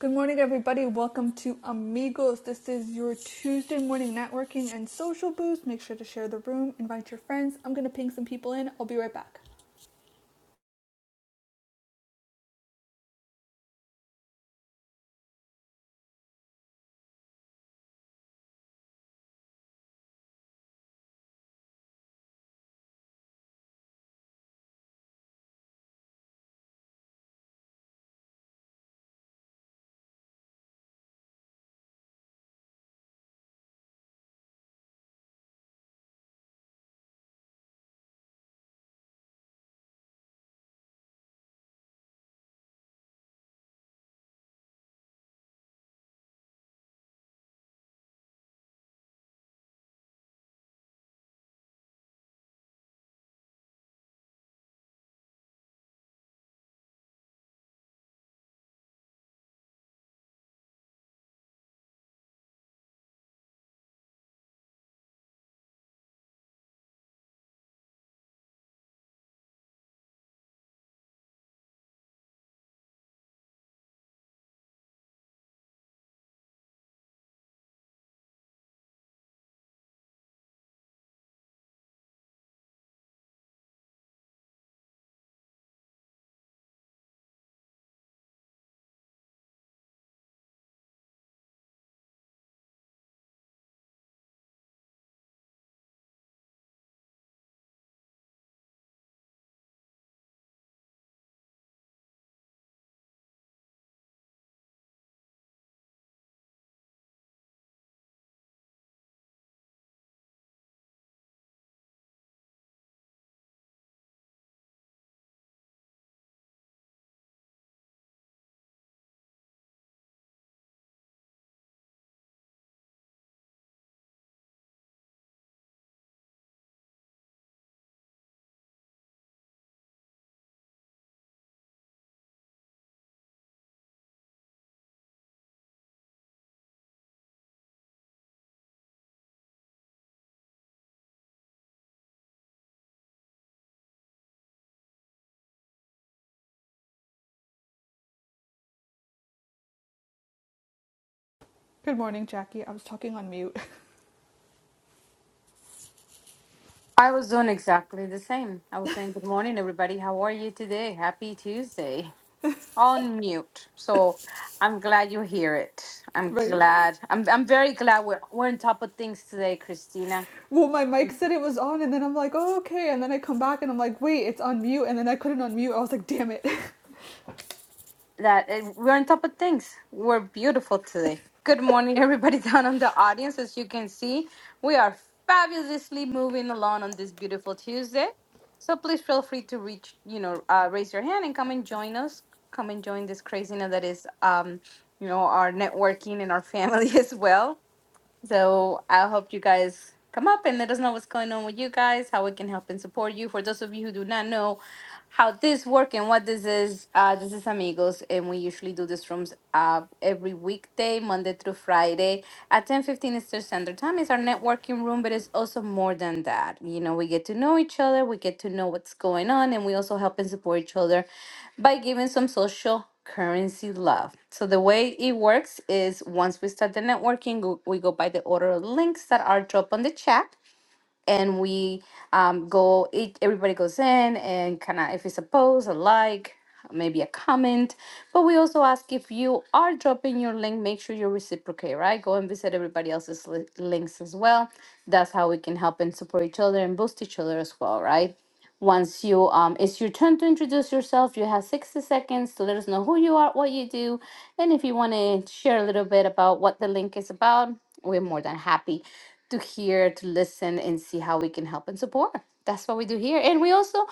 Good morning, everybody. Welcome to Amigos. This is your Tuesday morning networking and social boost. Make sure to share the room, invite your friends. I'm going to ping some people in. I'll be right back. Good morning, Jackie. I was talking on mute. I was doing exactly the same. I was saying, Good morning, everybody. How are you today? Happy Tuesday. On mute. So I'm glad you hear it. I'm right? glad. I'm, I'm very glad we're, we're on top of things today, Christina. Well, my mic said it was on, and then I'm like, oh, okay. And then I come back and I'm like, wait, it's on mute. And then I couldn't unmute. I was like, damn it. that uh, we're on top of things. We're beautiful today. Good morning, everybody down in the audience. As you can see, we are fabulously moving along on this beautiful Tuesday. So please feel free to reach, you know, uh, raise your hand and come and join us. Come and join this craziness that is, um, you know, our networking and our family as well. So I hope you guys come up and let us know what's going on with you guys, how we can help and support you. For those of you who do not know how this works and what this is, uh, this is Amigos, and we usually do these rooms uh, every weekday, Monday through Friday at 10:15 Eastern Standard Time. It's our networking room, but it's also more than that. You know, we get to know each other, we get to know what's going on, and we also help and support each other by giving some social currency love. So the way it works is once we start the networking, go- we go by the order of links that are dropped on the chat and we um, go each, everybody goes in and kind of if it's a post a like maybe a comment but we also ask if you are dropping your link make sure you reciprocate right go and visit everybody else's li- links as well that's how we can help and support each other and boost each other as well right once you um it's your turn to introduce yourself you have 60 seconds to let us know who you are what you do and if you want to share a little bit about what the link is about we're more than happy to hear, to listen, and see how we can help and support. That's what we do here. And we also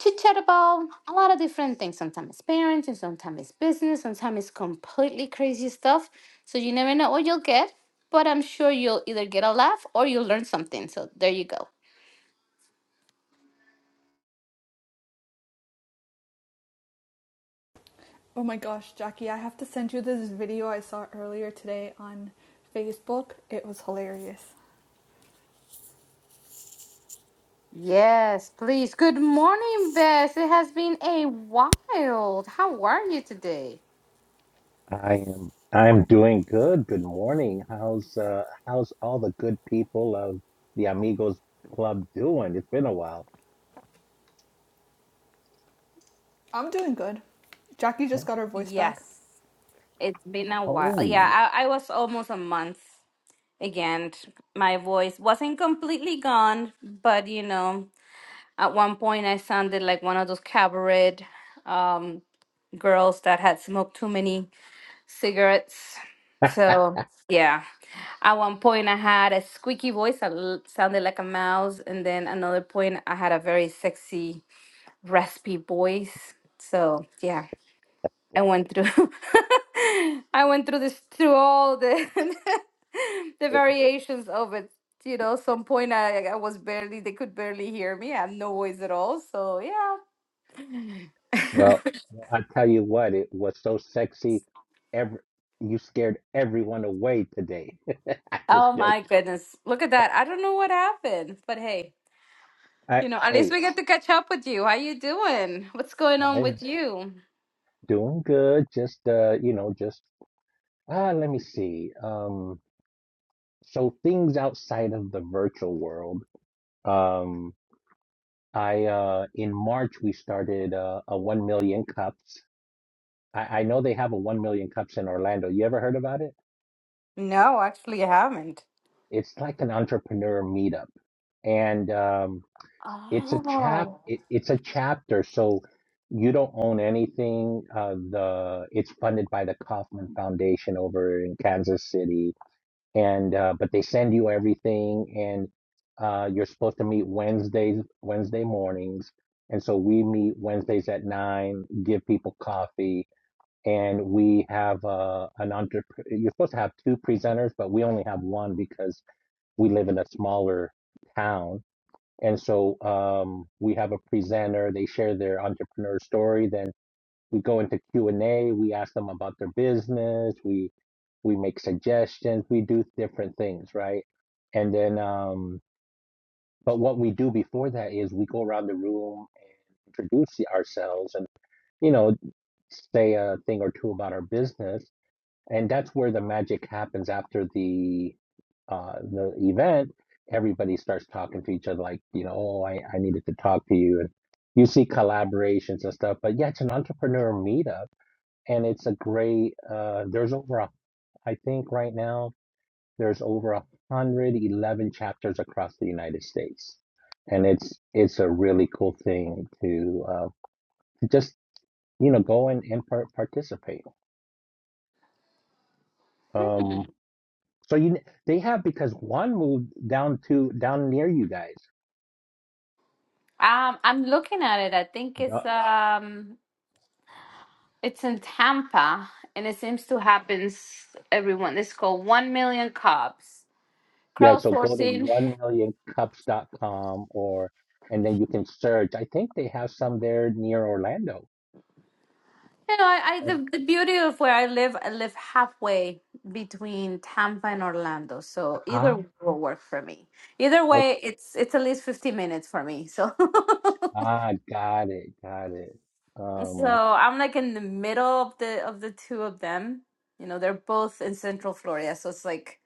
chit chat about a lot of different things. Sometimes it's parents, and sometimes it's business, sometimes it's completely crazy stuff. So you never know what you'll get, but I'm sure you'll either get a laugh or you'll learn something. So there you go. Oh my gosh, Jackie, I have to send you this video I saw earlier today on Facebook. It was hilarious. Yes, please. Good morning, Bess. It has been a while. How are you today? I am I'm doing good. Good morning. How's uh how's all the good people of the Amigos Club doing? It's been a while. I'm doing good. Jackie just Oh, got her voice Yes, back. it's been a while. oh. Yeah, I, I was almost a month again, my voice wasn't completely gone, but you know, at one point I sounded like one of those cabaret um, girls that had smoked too many cigarettes. So, yeah, at one point I had a squeaky voice that l- sounded like a mouse, and then another point I had a very sexy, raspy voice. So, yeah. I went through I went through this through all the the variations of it. You know, some point I, I was barely they could barely hear me. I had no voice at all. So yeah. Well, I tell you what, it was so sexy. Every you scared everyone away today. I just oh joke. my goodness. Look at that. I don't know what happened. But hey, I you know, at least hey, we get to catch up with you. How you doing? What's going on I'm with you? doing good. Just uh, you know, just ah, let me see. Um, so things outside of the virtual world. Um. I uh in March we started uh, a 1 million cups. I, I know they have a 1 million cups in Orlando. You ever heard about it? No, actually I haven't. It's like an entrepreneur meetup. And um it's a chap Oh. it, it's a chapter so you don't own anything. Uh the it's funded by the Kaufman Foundation over in Kansas City and uh, but they send you everything and uh, you're supposed to meet Wednesdays Wednesday mornings and so we meet Wednesdays at nine give people coffee and we have uh, an entre you're supposed to have two presenters but we only have one because we live in a smaller town and so um, we have a presenter they share their entrepreneur story then we go into q&a we ask them about their business we we make suggestions we do different things right and then um but what we do before that is we go around the room introduce ourselves and you know say a thing or two about our business and that's where the magic happens after the uh the event everybody starts talking to each other like you know oh i i needed to talk to you and you see collaborations and stuff but yeah it's an entrepreneur meetup and it's a great uh there's over a I think right now there's over a 111 chapters across the United States. And it's it's a really cool thing to uh, to just you know go and, and par- participate. Hmm. Um, so you they have because one moved down to down near you guys. Um, I'm looking at it. I think it's Uh, um It's in Tampa, and it seems to happen s- everyone. It's called One Million Cops Yeah, so go to crowdsourcing. one million cups dot com or and then you can search. I think they have some there near Orlando. You know, I, I And- the, the beauty of where I live, I live halfway between Tampa and Orlando, so either will work for me. Either Ah, way, it's it's at least 15 minutes for me. So Ah, got it, got it. so Um, I'm like in the middle of the of the two of them. You know, they're both in Central Florida, so it's like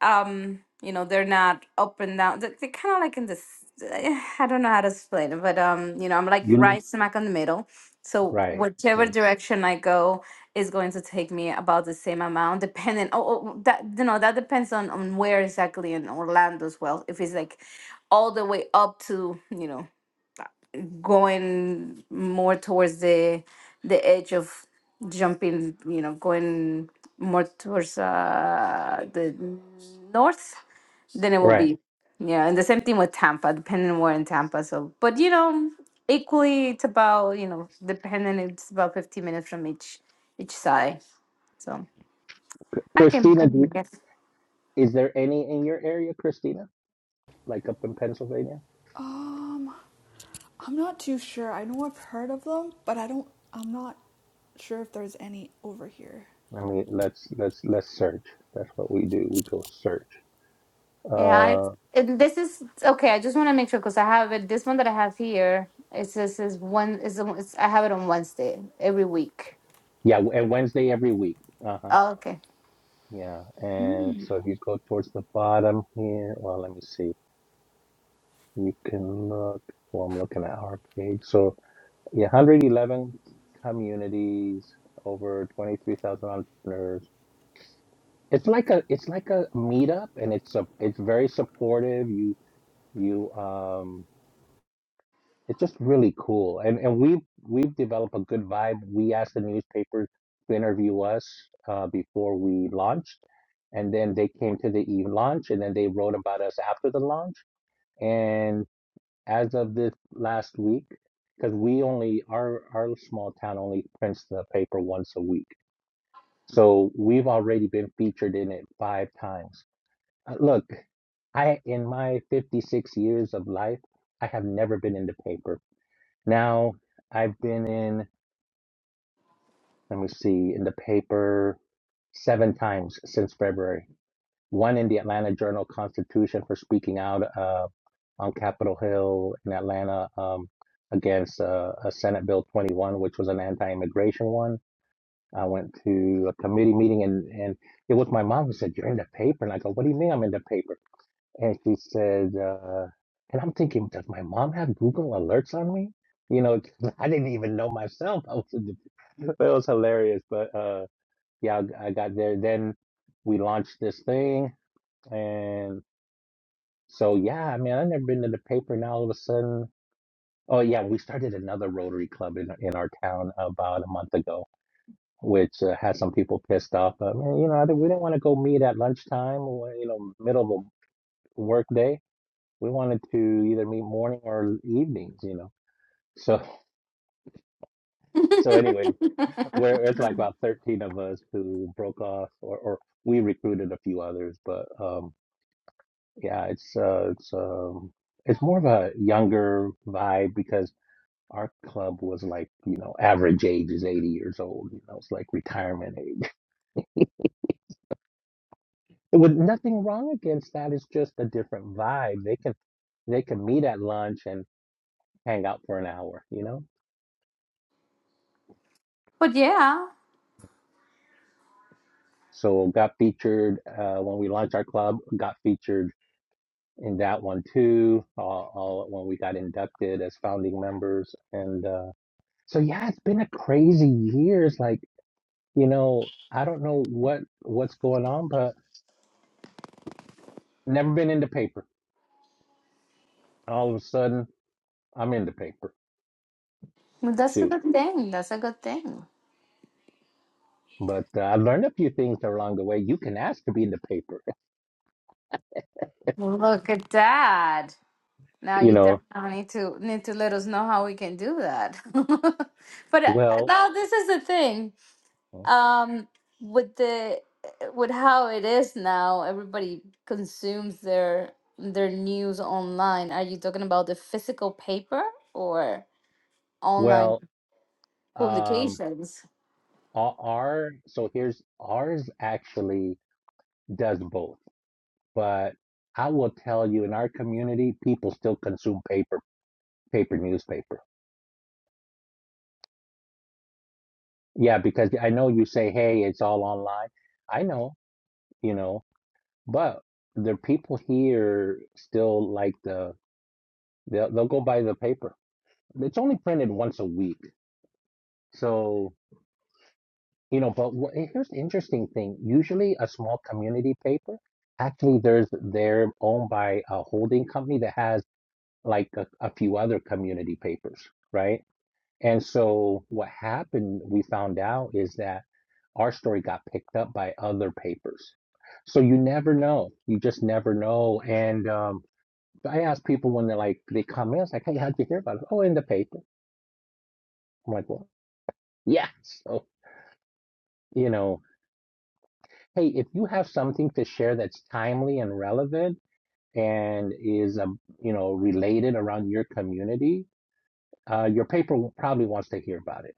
um you know they're not up and down they- they're kind of like in this eh, i don't know how to explain it but um you know i'm like you live right smack in the middle so right, whichever okay, direction i go is going to take me about the same amount depending oh, oh that you know that depends on on where exactly in orlando as well if it's like all the way up to you know going more towards the the edge of jumping you know going more towards uh the north then it will right. be. Yeah, and the same thing with Tampa, depending on where in Tampa. So, but you know, equally, it's about you know, depending, it's about fifteen minutes from each each side. So I can, I Christina, can do, guess. is there any in your area, Christina? Like up in Pennsylvania? Um, I'm not too sure. I know I've heard of them, but I don't. I'm not sure if there's any over here. I mean, let's let's let's search. That's what we do. We go search. Yeah, I, Uh, and this is okay. I just want to make sure because I have it. This one that I have here, it says is one is it's, I have it on Wednesday every week. yeah, and Wednesday every week. Uh-huh. Oh, okay. Yeah, and so if you go towards the bottom here, well, let me see. You can look. Well, I'm looking at our page. So, yeah, 111 communities, over 23,000 entrepreneurs. It's like a it's like a meetup and it's a, it's very supportive. You you um it's just really cool. And and we've we've developed a good vibe. We asked the newspapers to interview us uh, before we launched, and then they came to the eve launch and then they wrote about us after the launch. And as of this last week, because we only our our small town only prints the paper once a week. So we've already been featured in it five times Uh, Look, I in my 56 years of life, I have never been in the paper. Now I've been in, let me see, in the paper seven times since February. One in the Atlanta Journal Constitution for speaking out uh, on Capitol Hill in Atlanta um, against uh, a Senate Bill 21, which was an anti-immigration one. I went to a committee meeting and, and it was my mom who said, "You're in the paper," and I go, "What do you mean I'm in the paper?" And she said, uh, and I'm thinking, does my mom have Google alerts on me? You know, 'cause I didn't even know myself. I was in the, it was hilarious. But uh, yeah, I, I got there. Then we launched this thing. And so, yeah, I mean, I've never been to the paper. Now all of a sudden, oh, yeah, we started another Rotary Club in, in our town about a month ago, which uh, had some people pissed off. But, man, you know, I think we didn't want to go meet at lunchtime, or, you know, middle of a workday. we wanted to either meet morning or evenings, you know. So so anyway, we're it's like about thirteen of us who broke off or, or we recruited a few others, but um yeah, it's uh it's um it's more of a younger vibe because our club was like, you know, average age is eighty years old, you know, it's like retirement age. It was nothing wrong against that, it's just a different vibe. They can they can meet at lunch and hang out for an hour, you know? but yeah, So got featured uh, when we launched our club. Got featured in that one too. Uh, uh, when we got inducted as founding members, and uh, so yeah, it's been a crazy years. like you know, I don't know what what's going on, but never been in the paper. All of a sudden, I'm in the paper. well, that's a Shoot. good thing. That's a good thing. But uh, I learned a few things along the way. You can ask to be in the paper. Look at that. Now You you know, definitely need to need to let us know how we can do that. But uh, well, now this is the thing. Um, with the eh, with how it is now, everybody consumes their their news online. Are you talking about the physical paper or online well, um, publications? our, our so here's ours actually does both. But I will tell you, in our community, people still consume paper, paper newspaper. Yeah, because I know you say, hey, it's all online. I know, you know, but the people here still like the they'll they'll go buy the paper. It's only printed once a week, so you know. But what, here's the interesting thing: usually, a small community paper actually there's they're owned by a holding company that has like a, a few other community papers, right? And so what happened, we found out, is that our story got picked up by other papers. So you never know. You just never know. And um, I ask people when they're like, they come in, it's like, hey, how'd you hear about it? Oh, in the paper. I'm like, well, yeah. So, you know, hey, if you have something to share that's timely and relevant and is, um, you know, related around your community, uh, your paper probably wants to hear about it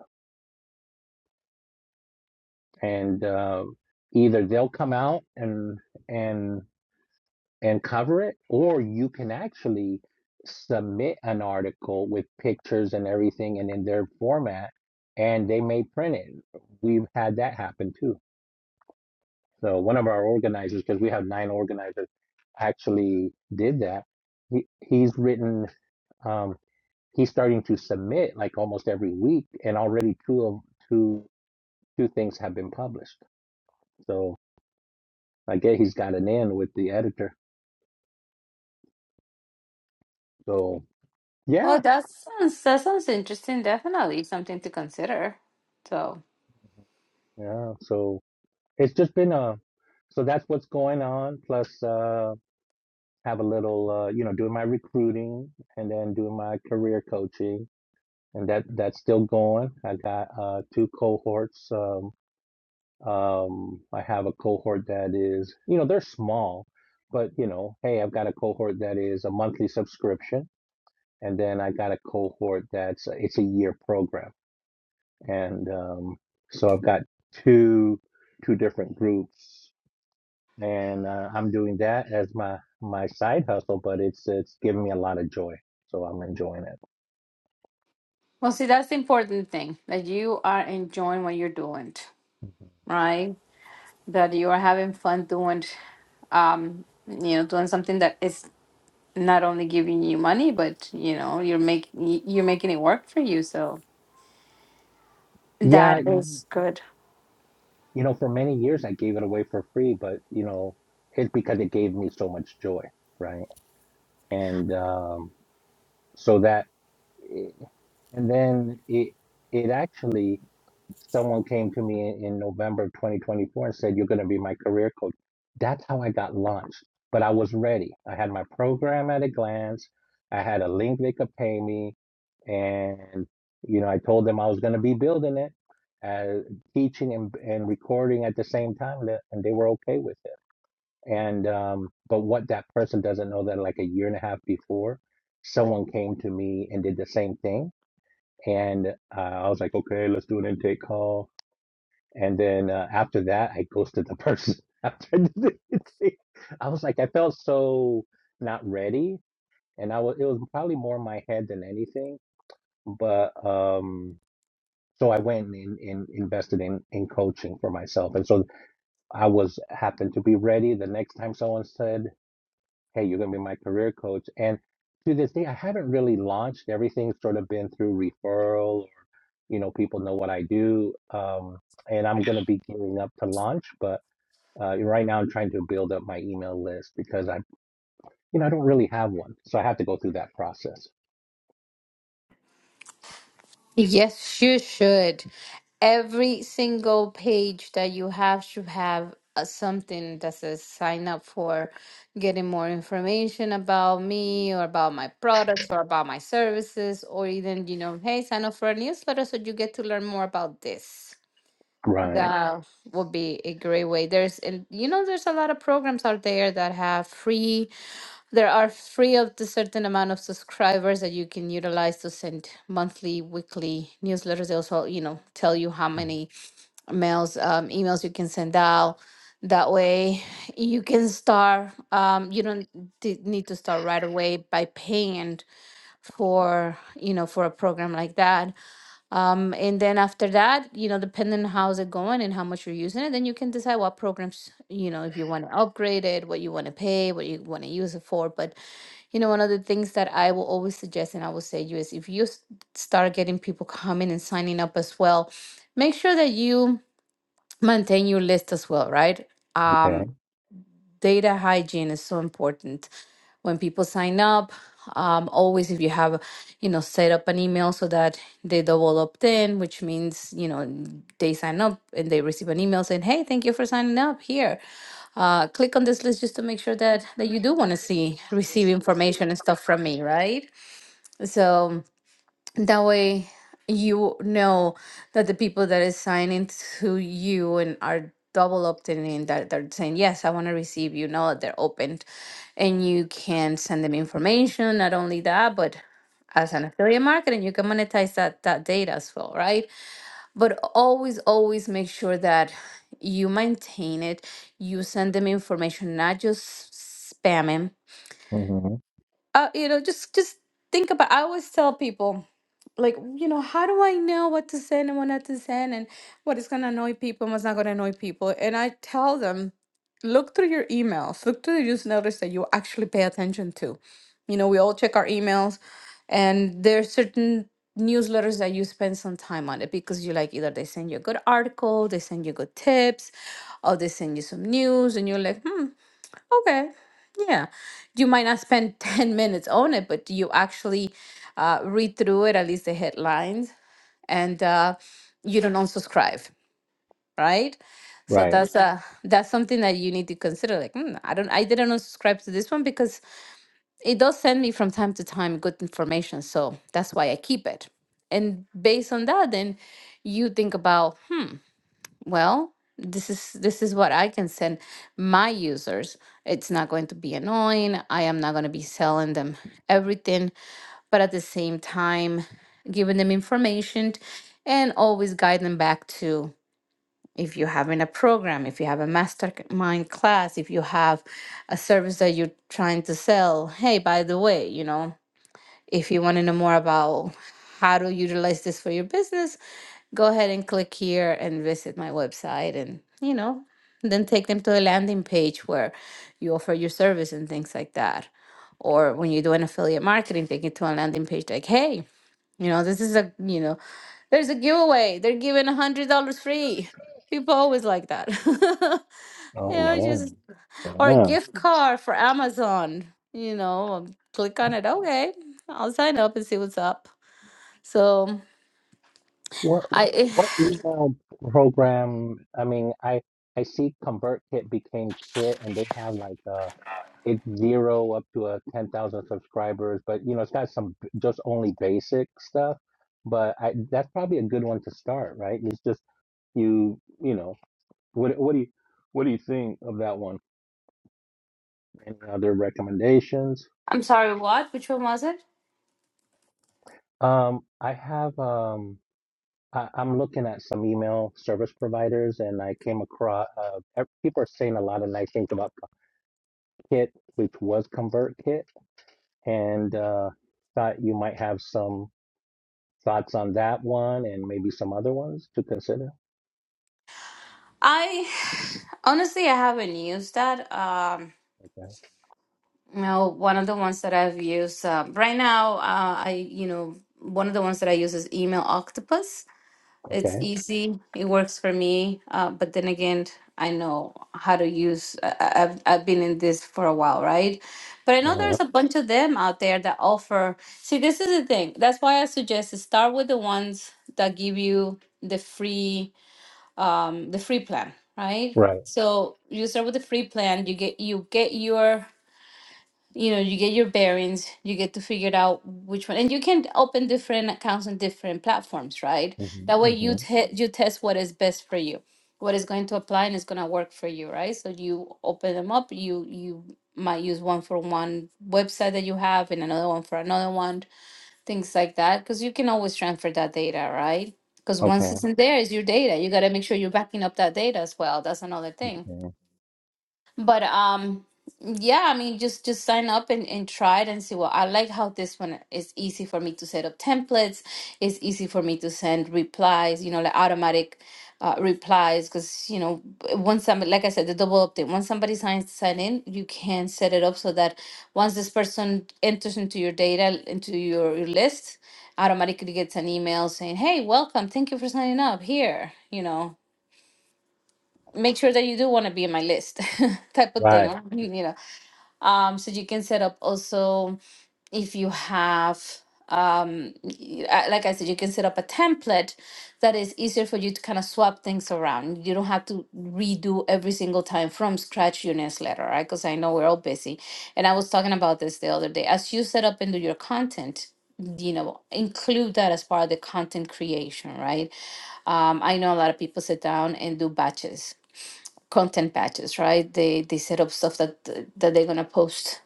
and uh, either they'll come out and and and cover it, or you can actually submit an article with pictures and everything, and in their format, and they may print it. We've had that happen too. So one of our organizers, because we have nine organizers, actually did that. He he's written. Um, he's starting to submit like almost every week, and already two of two two things have been published. So. I guess he's got an in with the editor. So yeah, Well, that sounds that sounds interesting. Definitely something to consider. So, yeah. So it's just been a. So that's what's going on. Plus, uh, have a little, uh, you know, doing my recruiting and then doing my career coaching, and that that's still going. I got uh, two cohorts. Um, um, I have a cohort that is, you know, they're small, but you know, hey, I've got a cohort that is a monthly subscription, and then I got a cohort that's it's a year program. and um, so I've got two two different groups, and uh, I'm doing that as my my side hustle, but it's it's giving me a lot of joy, so I'm enjoying it. well, see, that's the important thing that you are enjoying what you're doing, right? that you are having fun doing um you know doing something that is not only giving you money but you know you're making you're making it work for you so Yeah, that you know, is good you know, for many years I gave it away for free, but you know, it's because it gave me so much joy, right? And um, so that, eh, and then it it actually someone came to me in, in November of 2024 and said, You're going to be my career coach. That's how I got launched. But I was ready. I had my program at a glance, I had a link they could pay me. And, you know, I told them I was going to be building it, uh, teaching and, and recording at the same time. that- And they were okay with it. And, um, but what that person doesn't know that like a year and a half before, someone came to me and did the same thing. And uh, I was like, okay, let's do an intake call and then uh, after that, I ghosted the person. After I did the thing. I was like, I felt so not ready, and I was. It was probably more my head than anything. But um, so I went and, and invested in in coaching for myself, and so I was happened to be ready. The next time someone said, "Hey, you're gonna be my career coach," and to this day, I haven't really launched. Everything's sort of been through referral, or you know, people know what I do. Um, and I'm going to be gearing up to launch, but uh, right now, I'm trying to build up my email list because I, you know, I don't really have one, so I have to go through that process. Yes, you should. Every single page that you have should have uh, something that says sign up for getting more information about me or about my products or about my services, or even, you know, hey, sign up for a newsletter so you get to learn more about this. Right. That would be a great way. There's, and you know, there's a lot of programs out there that have free, there are free of the certain amount of subscribers that you can utilize to send monthly, weekly newsletters. They also, you know, tell you how many mails, um, emails you can send out. That way you can start, um, you don't d- need to start right away by paying for, you know, for a program like that um, and then after that, you know, depending on how's it going and how much you're using it, then you can decide what programs, you know, if you want to upgrade it, what you want to pay, what you want to use it for. But, you know, one of the things that I will always suggest and I will say you is if you s- start getting people coming and signing up as well, make sure that you maintain your list as well, right? Okay. Um, data hygiene is so important when people sign up um, always if you have you know set up an email so that they double opt in which means you know they sign up and they receive an email saying hey thank you for signing up here uh, click on this list just to make sure that that you do want to see receive information and stuff from me right so that way you know that the people that is signing to you and are double opting in that they're saying, Yes, I want to receive you know they're opened and you can send them information, not only that, but as an affiliate marketing, you can monetize that that data as well, right? But always, always make sure that you maintain it. You send them information, not just spamming hmm uh, you know, just just think about. I always tell people, like, you know, how do I know what to send and what not to send, and what is gonna annoy people and what's not gonna annoy people? And I tell them, look through your emails, look through the newsletters that you actually pay attention to. You know, we all check our emails, and there's certain newsletters that you spend some time on it because you like either they send you a good article, they send you good tips, or they send you some news, and you're like, hmm. Okay. Yeah. You might not spend 10 minutes on it, but do you actually uh, read through it, at least the headlines, and uh, you don't unsubscribe, right? So Right. that's uh, that's something that you need to consider. Like, hmm, I don't, I didn't unsubscribe to this one because it does send me from time to time good information. So that's why I keep it. And based on that, then you think about well this is this is what i can send my users it's not going to be annoying i am not going to be selling them everything but at the same time giving them information and always guide them back to if you're having a program if you have a mastermind class if you have a service that you're trying to sell hey by the way you know if you want to know more about how to utilize this for your business, go ahead and click here and visit my website and you know then take them to a landing page where you offer your service and things like that or when you do an affiliate marketing take it to a landing page like hey you know this is a you know there's a giveaway they're giving a hundred dollars free people always like that Oh Yeah, know man. Yeah. or a gift card for Amazon. You know, I'll click on it. Okay, I'll sign up and see what's up. So What what I, what email program? I mean, I I see ConvertKit became Kit, and they have like uh it's zero up to a ten thousand subscribers, but you know, it's got some b- just only basic stuff. But I that's probably a good one to start, right? It's just you you know. What what do you what do you think of that one? Any other recommendations? I'm sorry. What? Which one was it? Um, I have um, I, I'm looking at some email service providers, and I came across uh, ev- people are saying a lot of nice things about Kit, which was ConvertKit, and uh, thought you might have some thoughts on that one, and maybe some other ones to consider. I honestly I haven't used that. Um, Okay, you know, one of the ones that I've used um right now, uh, I you know one of the ones that I use is Email Octopus It's okay, easy. It works for me. Uh, but then again, I know how to use. I, I- I've I've been in this for a while, right? But I know uh, there's a bunch of them out there that offer. See, this is the thing. That's why I suggest to start with the ones that give you the free, um, the free plan, right? right, So you start with the free plan. You get you get your you know you get your bearings you get to figure it out which one and you can open different accounts on different platforms right that hmm way you hmm te- you test what is best for you what is going to apply and is going to work for you right so you open them up you you might use one for one website that you have and another one for another one things like that because you can always transfer that data right because once okay, it's in there it's your data you got to make sure you're backing up that data as well that's another thing okay, but um yeah, I mean just just sign up and, and try it and see Well, I like how this one is easy for me to set up templates. It's easy for me to send replies, you know, like automatic uh, replies because you know b- once somebody like I said the double opt-in once somebody signs sign in you can set it up so that once this person enters into your data into your, your list automatically gets an email saying hey welcome thank you for signing up here you know make sure that you do want to be in my list type of thing right, or, you know um, so you can set up also if you have, um, y- uh, like I said, you can set up a template that is easier for you to kind of swap things around. You don't have to redo every single time from scratch your newsletter, right? Because I know we're all busy. And I was talking about this the other day. As you set up and do your content, you know, include that as part of the content creation, right? Um, I know a lot of people sit down and do batches, content batches, right? They they set up stuff that th- that they're gonna post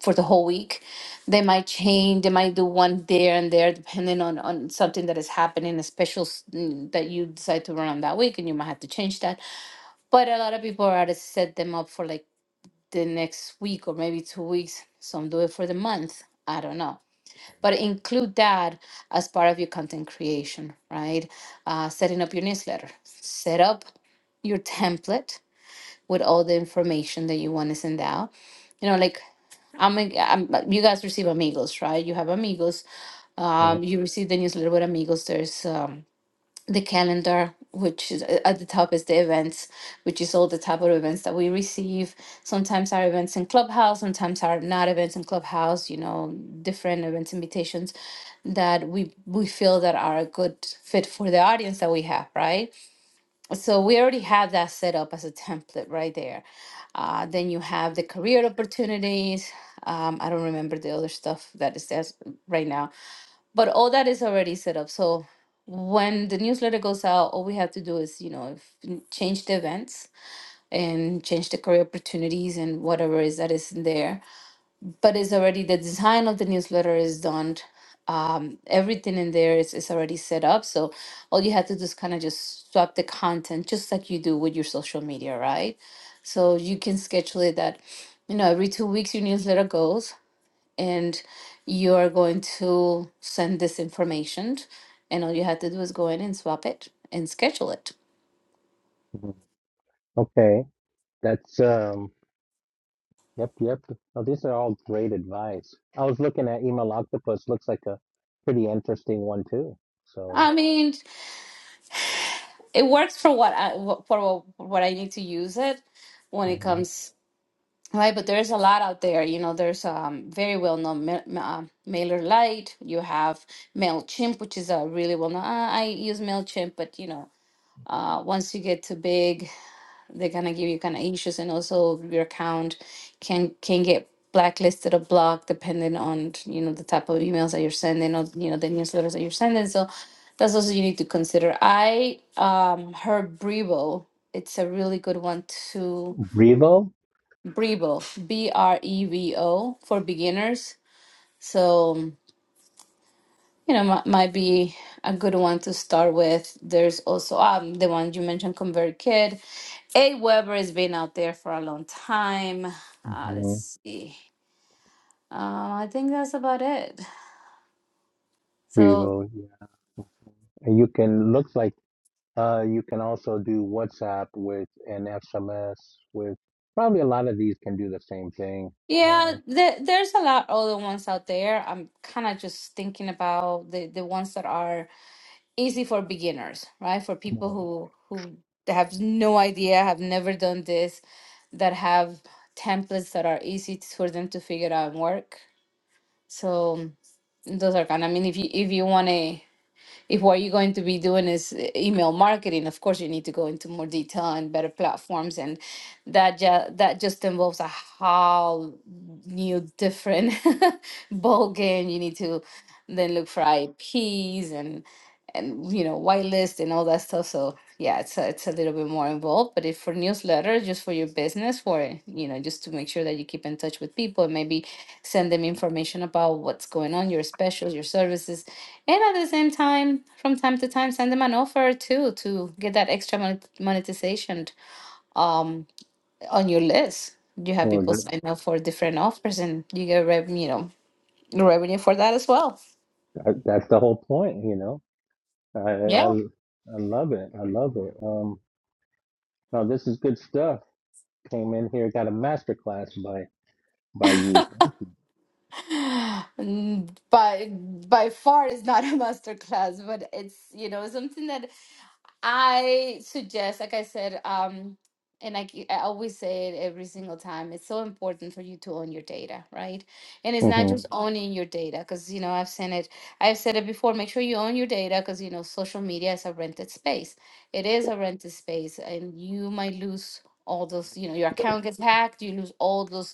for the whole week. They might change. They might do one there and there, depending on on something that is happening, a special s- mm, that you decide to run on that week, and you might have to change that. But a lot of people are to set them up for like the next week or maybe two weeks. Some do it for the month. I don't know. But include that as part of your content creation, right? Uh, setting up your newsletter, set up your template with all the information that you want to send out. You know, like I'm, I'm you guys receive amigos, right? You have amigos. yeah, Um, you receive the newsletter with amigos. There's um the calendar, which is a- at the top is the events, which is all the type of events that we receive. Sometimes our events in Clubhouse, sometimes are not events in Clubhouse. You know, different events invitations that we we feel that are a good fit for the audience that we have, right? so we already have that set up as a template right there. Uh, then you have the career opportunities. Um, I don't remember the other stuff that it says right now, but all that is already set up. So when the newsletter goes out, all we have to do is, you know, if, change the events and change the career opportunities and whatever is that is in there but it's already the design of the newsletter is done. Um, everything in there is, is already set up. So all you have to do is kind of just swap the content, just like you do with your social media, right? So you can schedule it that, you know, every two weeks your newsletter goes and you are going to send this information. And all you have to do is go in and swap it and schedule it. mhm. okay. That's um. Yep, yep. Well, these are all great advice. I was looking at Email Octopus. Looks like a pretty interesting one too. So I mean, it works for what I wh- for wh- what I need to use it when it mhm. comes Right, but there's a lot out there. You know, there's um very well-known ma ma- uh, Mailer Lite. You have Mailchimp, which is a really well-known. Uh, I use Mailchimp, but you know, uh, once you get too big, they're gonna give you kind of issues, and also your account can can get blacklisted or blocked depending on you know the type of emails that you're sending or you know the newsletters that you're sending. So that's also you need to consider. I um heard Brevo. It's a really good one too Brevo, Brevo, B R E V O, for beginners. So, you know, mi- might be a good one to start with. There's also um, the one you mentioned, ConvertKit. Aweber has been out there for a long time. Uh, hmm let's see. Uh, I think that's about it. So, Brevo. Yeah. And you can looks like uh you can also do WhatsApp with an SMS with probably a lot of these can do the same thing. yeah, Um, th- there's a lot other ones out there. I'm kind of just thinking about the, the ones that are easy for beginners, right? For people right. who who have no idea, have never done this that have templates that are easy t- for them to figure out and work. So mm, those are kind. I mean, if you if you want to, if what you're going to be doing is uh, email marketing, of course you need to go into more detail and better platforms, and that just that just involves a whole new different ball game. You need to then look for IPs and and you know white list and all that stuff so yeah it's a, it's a little bit more involved but if for newsletters just for your business for you know just to make sure that you keep in touch with people and maybe send them information about what's going on your specials your services and at the same time from time to time send them an offer too to get that extra monet- monetization um, on your list you have well, people that, sign up for different offers and you get rev- you know revenue for that as well that- that's the whole point, you know. I, I I yeah I love it. I love it. Um, no, this is good stuff. Came in here, got a master class by by you. Mm, by by far is not a master class but it's you know something that i suggest like i said um and I, ke- I always say it every single time it's so important for you to own your data right and it's not just Mhm. Mhm. owning your data because you know i've seen it i've said it before make sure you own your data because you know social media is a rented space it is a rented space and you might lose all those you know your account gets hacked you lose all those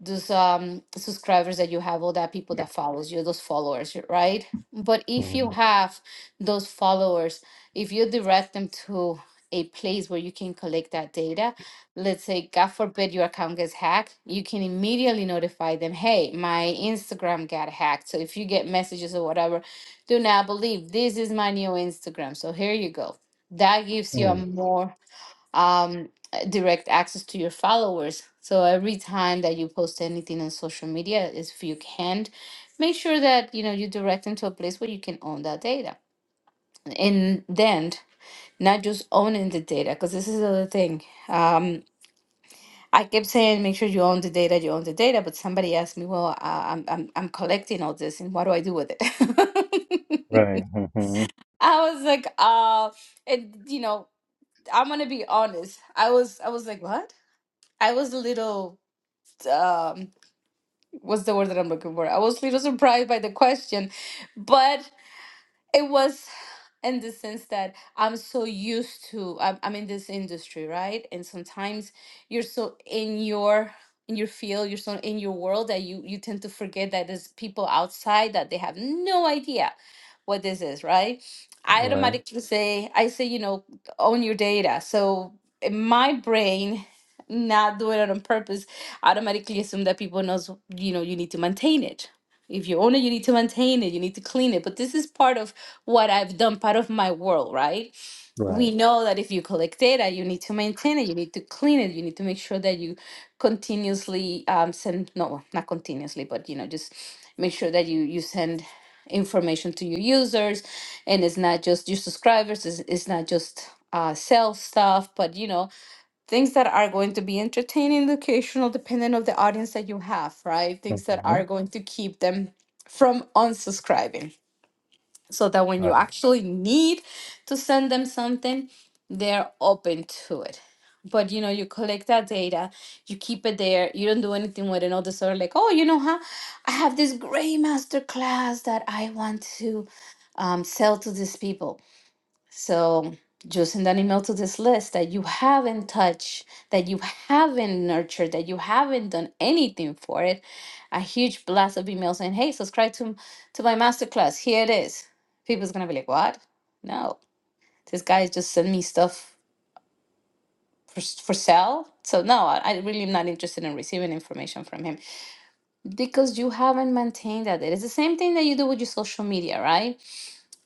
those um subscribers that you have all that people that follows you those followers right but if you Mhm. have those followers if you direct them to a place where you can collect that data let's say god forbid your account gets hacked you can immediately notify them hey my instagram got hacked so if you get messages or whatever do not believe this is my new instagram so here you go that gives you a Mm. more um, uh, direct access to your followers. So every time that you post anything on social media, is if you can, make sure that you know you direct them to a place where you can own that data, and then not just owning the data, because this is the other thing. Um, I kept saying, make sure you own the data, you own the data, but somebody asked me, well, uh, I'm, I'm I'm collecting all this, and what do I do with it? Right. Mhm. I was like, uh, and you know, I'm gonna be honest. I was I was like, what? I was a little um what's the word that I'm looking for? I was a little surprised by the question, but it was in the sense that I'm so used to I'm, I'm in this industry, right? And sometimes you're so in your in your field, you're so in your world that you you tend to forget that there's people outside that they have no idea what this is, right? I Right. automatically say I say you know own your data. So in my brain not doing it on purpose automatically assume that people knows you know you need to maintain it if you own it, you need to maintain it, you need to clean it. But this is part of what I've done, part of my world, right? Right. We know that if you collect data, you need to maintain it, you need to clean it, you need to make sure that you continuously um, send, no, well, not continuously, but you know, just make sure that you, you send information to your users and it's not just your subscribers, it's, it's not just uh, sell stuff, but you know, things that are going to be entertaining, educational, depending on the audience that you have, right? Things that are Mhm. going to keep them from unsubscribing so that when you Right. actually need to send them something, they're open to it. But you know, you collect that data, you keep it there, you don't do anything with it, all this sort of like, oh, you know, huh? I have this great master class that I want to um, sell to these people so just send an email to this list that you haven't touched, that you haven't nurtured, that you haven't done anything for it. A huge blast of email saying, hey, subscribe to, to my masterclass. Here it is. People's gonna be like, what? No, this guy just sent me stuff for, s- for sale. So no, I, I really am not interested in receiving information from him because you haven't maintained that. It is the same thing that you do with your social media, right?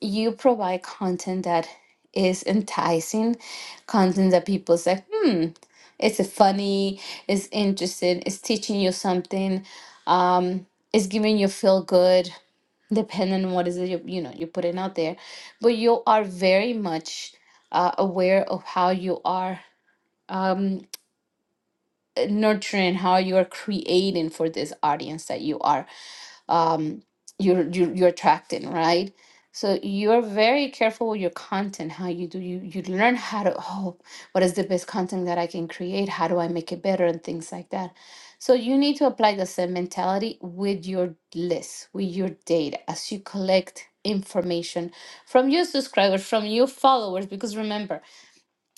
you provide content that is enticing, content that people say, hmm, it's a funny, it's interesting, it's teaching you something, um, it's giving you feel good, depending on what is it you, you know you're putting out there. But you are very much uh, aware of how you are um, nurturing, how you are creating for this audience that you are um, you're, you're you're attracting, right? So you're very careful with your content, how you do you you learn how to oh, what is the best content that I can create? How do I make it better and things like that. So you need to apply the same mentality with your list, with your data as you collect information from your subscribers, from your followers, because remember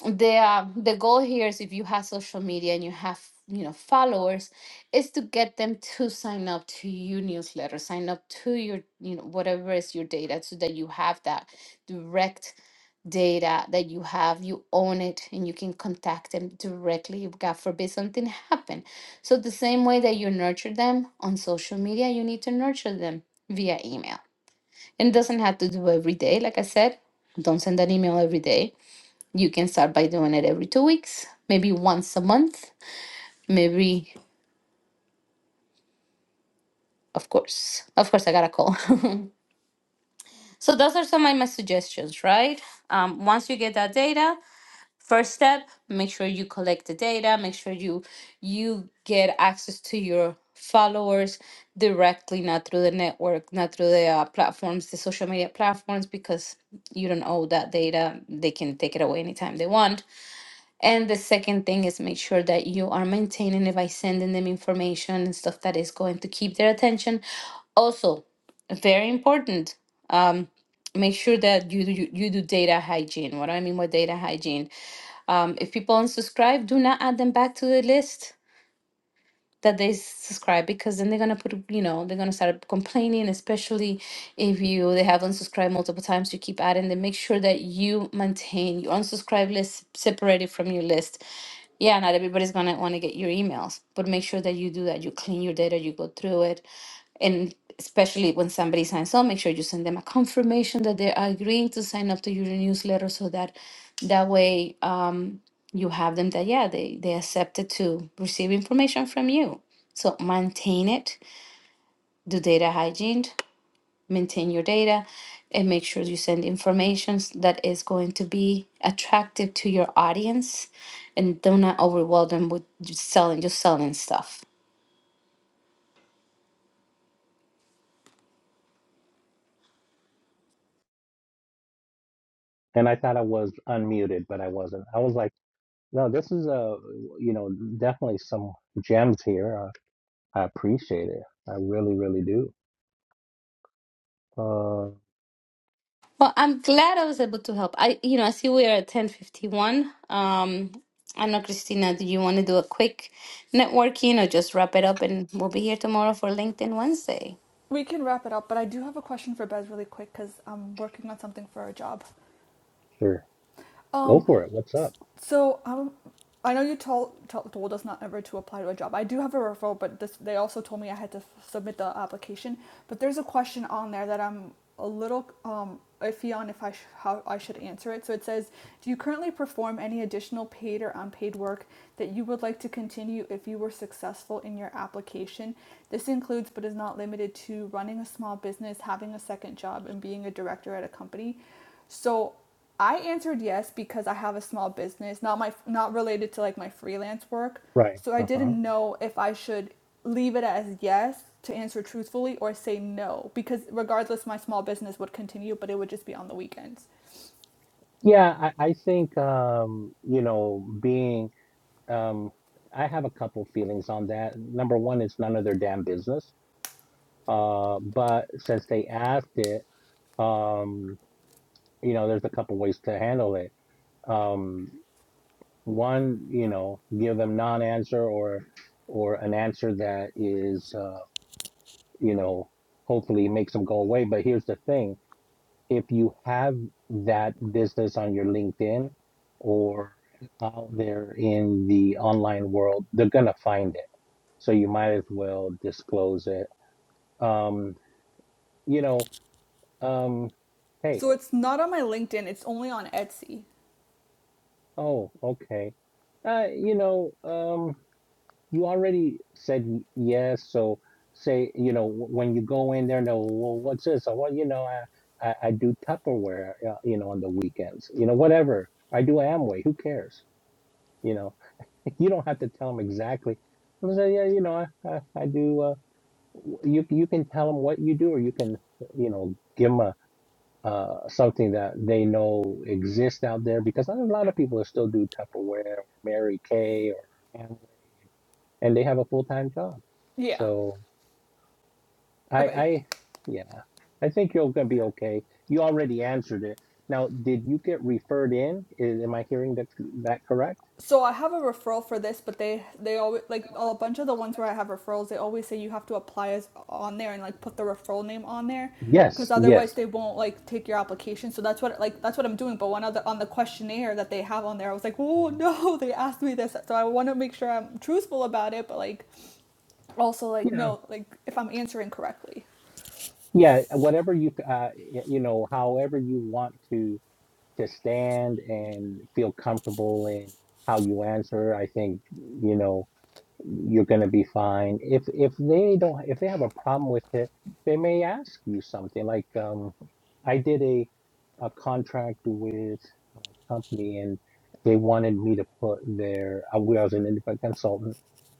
the uh, the goal here is if you have social media and you have you know followers is to get them to sign up to your newsletter sign up to your you know whatever is your data so that you have that direct data that you have you own it and you can contact them directly if god forbid something happen so the same way that you nurture them on social media you need to nurture them via email and it doesn't have to do every day like i said don't send an email every day you can start by doing it every two weeks, maybe once a month, maybe, of course. Of course, I got a call. so, those are some of my suggestions, right? Um, once you get that data, first step, make sure you collect the data, make sure you you get access to your followers directly, not through the network, not through the uh, platforms, the social media platforms, because you don't owe that data. They can take it away anytime they want And the second thing is make sure that you are maintaining it by sending them information and stuff that is going to keep their attention. Also, very important, um, make sure that you do, you, you do data hygiene. What do I mean by data hygiene? Um, if people unsubscribe, do not add them back to the list that they subscribe because then they're gonna put you know they're gonna start complaining especially if you they have unsubscribed multiple times you keep adding them make sure that you maintain your unsubscribe list separated from your list yeah not everybody's gonna want to get your emails but make sure that you do that you clean your data you go through it and especially when somebody signs up make sure you send them a confirmation that they are agreeing to sign up to your newsletter so that that way you have them that yeah they they accepted to receive information from you so maintain it do data hygiene maintain your data and make sure you send information that is going to be attractive to your audience and do not overwhelm them with just selling just selling stuff And I thought I was unmuted, but I wasn't. I was like, no, this is a, you know, definitely some gems here. I, I appreciate it. I really, really do. Uh, well i'm glad i was able to help i you know i see we are at 1051 um i know christina do you want to do a quick networking or just wrap it up and we'll be here tomorrow for linkedin wednesday We can wrap it up, but I do have a question for Bez really quick because I'm working on something for our job. sure. Go Um, for it. What's up? So um, I know you told told us not ever to apply to a job. I do have a referral, but this, they also told me I had to submit the application. But there's a question on there that I'm a little um, iffy on if I sh- how I should answer it. So it says, "Do you currently perform any additional paid or unpaid work that you would like to continue if you were successful in your application? This includes, but is not limited to, running a small business, having a second job, and being a director at a company." So I answered yes because I have a small business, not my not related to like my freelance work. Right. So I Uh-huh. didn't know if I should leave it as yes to answer truthfully or say no because regardless my small business would continue but it would just be on the weekends. Yeah, I, I think, um, you know, being, um, I have a couple feelings on that. Number one, it's none of their damn business. Uh, but since they asked it, um, you know, there's a couple ways to handle it. Um, one, you know, give them non-answer or or an answer that is, uh, you know, hopefully makes them go away. But here's the thing: if you have that business on your LinkedIn or out there in the online world, they're gonna find it. So you might as well disclose it. Um, you know, um, hey. So it's not on my LinkedIn, it's only on Etsy. Oh, okay. Uh, you know, um, you already said y- yes. So say, you know, w- when you go in there, no, well, what's this? Oh, well, you know, I, I, I do Tupperware, uh, you know, on the weekends, you know, whatever. I do Amway. Who cares? You know, you don't have to tell them exactly. They'll say, yeah, you know, I, I, I do. Uh, w- you you can tell them what you do, or you can, you know, give 'em a uh, something that they know exists out there because a lot of people still do Tupperware or Mary Kay or Amway, and they have a full time job. Yeah. So I, Okay, I, yeah, I think you're gonna be okay. You already answered it. Now, did you get referred in? Is, am I hearing that that correct? So I have a referral for this, but they they always like a bunch of the ones where I have referrals. They always say you have to apply as on there and like put the referral name on there, because Yes, otherwise yes. they won't like take your application. So that's what like that's what I'm doing. But one other on the questionnaire that they have on there, I was like, oh Mhm. no, they asked me this, so I want to make sure I'm truthful about it. But like also like Yeah, no, like if I'm answering correctly, yeah. Whatever you, uh, y- you know, however you want to to stand and feel comfortable in how you answer, I think you know you're going to be fine. If if they don't, if they have a problem with it, they may ask you something. Like um, I did a a contract with a company, and they wanted me to put their. I was an independent consultant,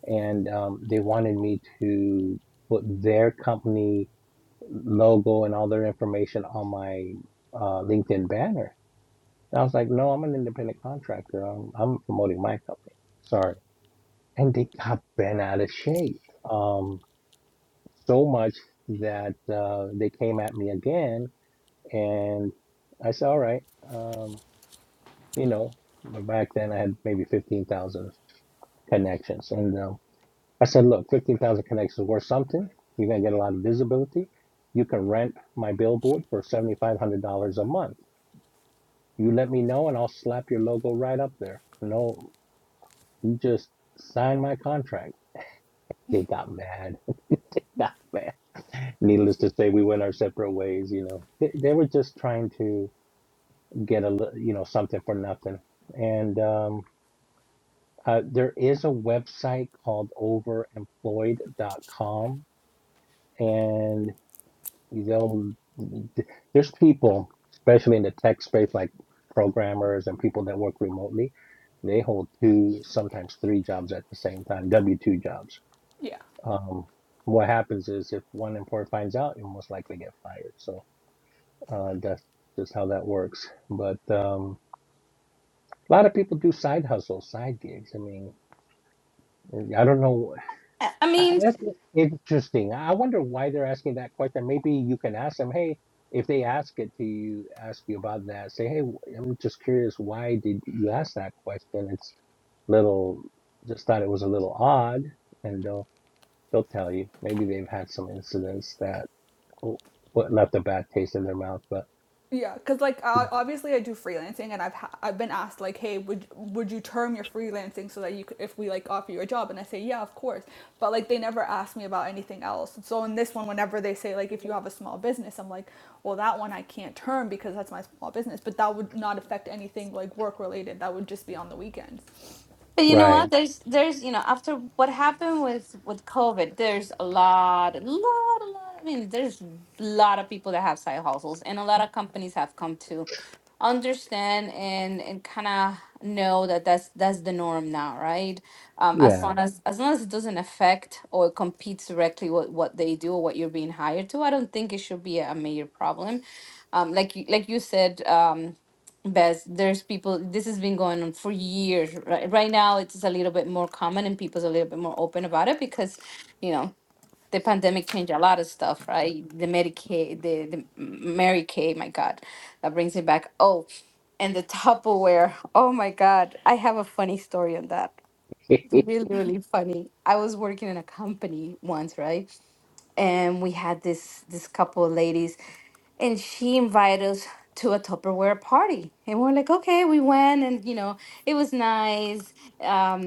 and um, they wanted me to put their company logo and all their information on my uh, LinkedIn banner and I was like, no, I'm an independent contractor. I'm, I'm promoting my company. Sorry. And they got bent out of shape. Um, so much that uh, they came at me again. And I said, all right, um, you know, back then I had maybe 15,000 connections. And um, I said, look, 15,000 connections is worth something. You're going to get a lot of visibility. You can rent my billboard for $7,500 a month. You let me know and I'll slap your logo right up there. No, just sign my contract. They got mad. They got mad. Needless to say, we went our separate ways. You know, they, they were just trying to get a li- you know something for nothing. And um, uh, there is a website called overemployed.com, and they'll there's people, especially in the tech space, like programmers and people that work remotely. They hold two, sometimes three jobs at the same time, W two jobs yeah. um, what happens is if one employer finds out, you'll most likely get fired. So uh, that's just how that works. But um, a lot of people do side hustles, side gigs. I mean, I don't know. I I I- mean, That's interesting. I wonder why they're asking that question. Maybe you can ask them, hey, if they ask it to you, ask you about that, say, hey, w- I'm just curious, why did you ask that question? It's little, just thought it was a little odd. And they'll, they'll tell you. Maybe they've had some incidents that oh, what left a bad taste in their mouth, but Yeah, because like uh, Mm. obviously I do freelancing, and I've ha- I've been asked like, hey, would would you term your freelancing so that you could, if we like offer you a job, and I say yeah, of course, but like they never ask me about anything else. So in this one, whenever they say like if you have a small business, I'm like, well that one I can't term because that's my small business, but that would not affect anything like work related. That would just be on the weekends. But you know right. what? There's there's you know after what happened with with COVID, there's a lot, a lot, a lot. I mean, there's a lot of people that have side hustles, and a lot of companies have come to understand and and kind of know that that's that's the norm now right um as Yeah. long Mhm. as as long as it doesn't affect or competes directly with what they do or what you're being hired to i don't think it should be a major problem um like you like you said um Bess, there's people this has been going on for years right, right now it's a little bit more common and people's a little bit more open about it because you know the pandemic changed a lot of stuff right the medicaid the, the mary kay my god that brings me back oh and the Tupperware. Oh my God. I have a funny story on that. Really, really funny. I was working in a company once, right? And we had this this couple of ladies and she invited us to a Tupperware party. And we're like, okay, we went and you know, it was nice. Um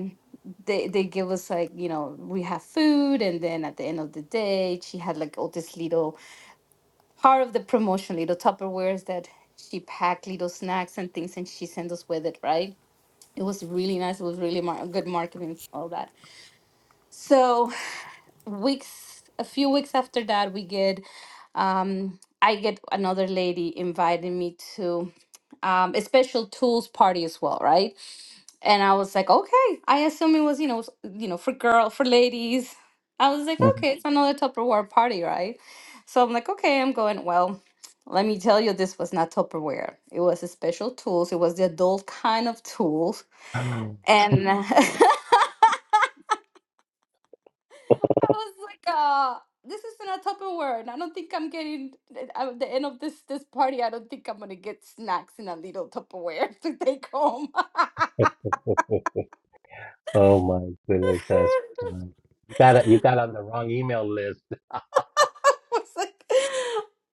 they they give us like, you know, we have food and then at the end of the day she had like all this little part of the promotion, little Tupperwares that she packed, little snacks and things, and she sent us with it, right? It was really nice. It was really mar- good marketing, all that. So weeks a few weeks after that we get um i get another lady inviting me to um a special tools party as well right and i was like okay i assume it was you know s- you know for girl for ladies i was like Mhm. okay it's another tupperware party right so i'm like okay i'm going well let me tell you this was not tupperware it was a special tools it was the adult kind of tools and I was like, uh, this is in a Tupperware, and I don't think I'm getting eh, at the end of this this party. I don't think I'm gonna get snacks in a little Tupperware to take home. Oh my goodness, that's fun. You got you got on the wrong email list. I was like,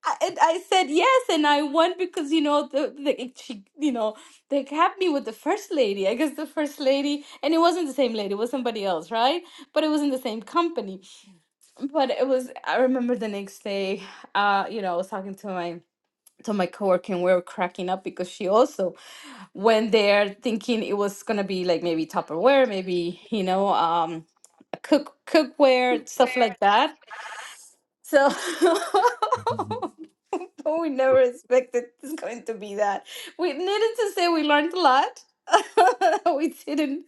I, and I said yes, and I won because you know the, the it- she you know they kept me with the first lady. I guess the first lady, and it wasn't the same lady; it was somebody else, right? But it was in the same company. But it was. I remember the next day, uh, you know, I was talking to my to my coworker and we were cracking up because she also went there thinking it was gonna be like maybe Tupperware, maybe you know, um, a cook cookware stuff like that. So Mhm. But we never expected it's going to be that. We needed to say we learned a lot. we didn't.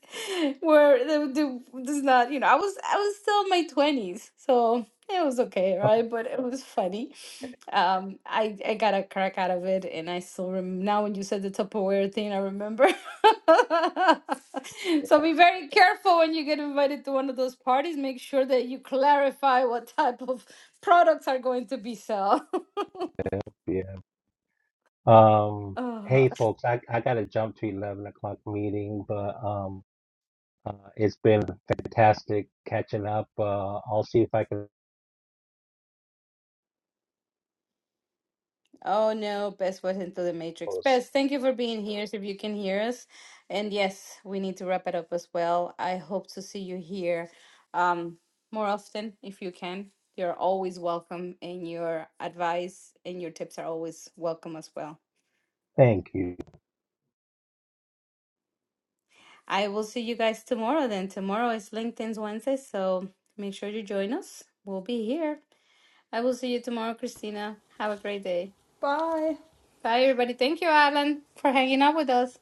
Where the, the does not, you know, I was I was still in my twenties, so it was okay, Oh, right? But it was funny. Um, I I got a crack out of it, and I still rem- now when you said the Tupperware thing, I remember. so be very careful when you get invited to one of those parties. Make sure that you clarify what type of products are going to be sold. Yeah. Um, Oh, hey folks, I, I gotta jump to 11 o'clock meeting, but um, uh, it's been fantastic catching up. Uh, I'll see if I can Oh no, Bess was into the Matrix. close. Bess, thank you for being here. So if you can hear us, and yes, we need to wrap it up as well. I hope to see you here um, more often if you can. You're always welcome, and your advice and your tips are always welcome as well. Thank you. I will see you guys tomorrow. Then tomorrow is LinkedIn's Wednesday, so make sure you join us. We'll be here. I will see you tomorrow, Christina. Have a great day. Bye. Bye, everybody. Thank you, Alan, for hanging out with us.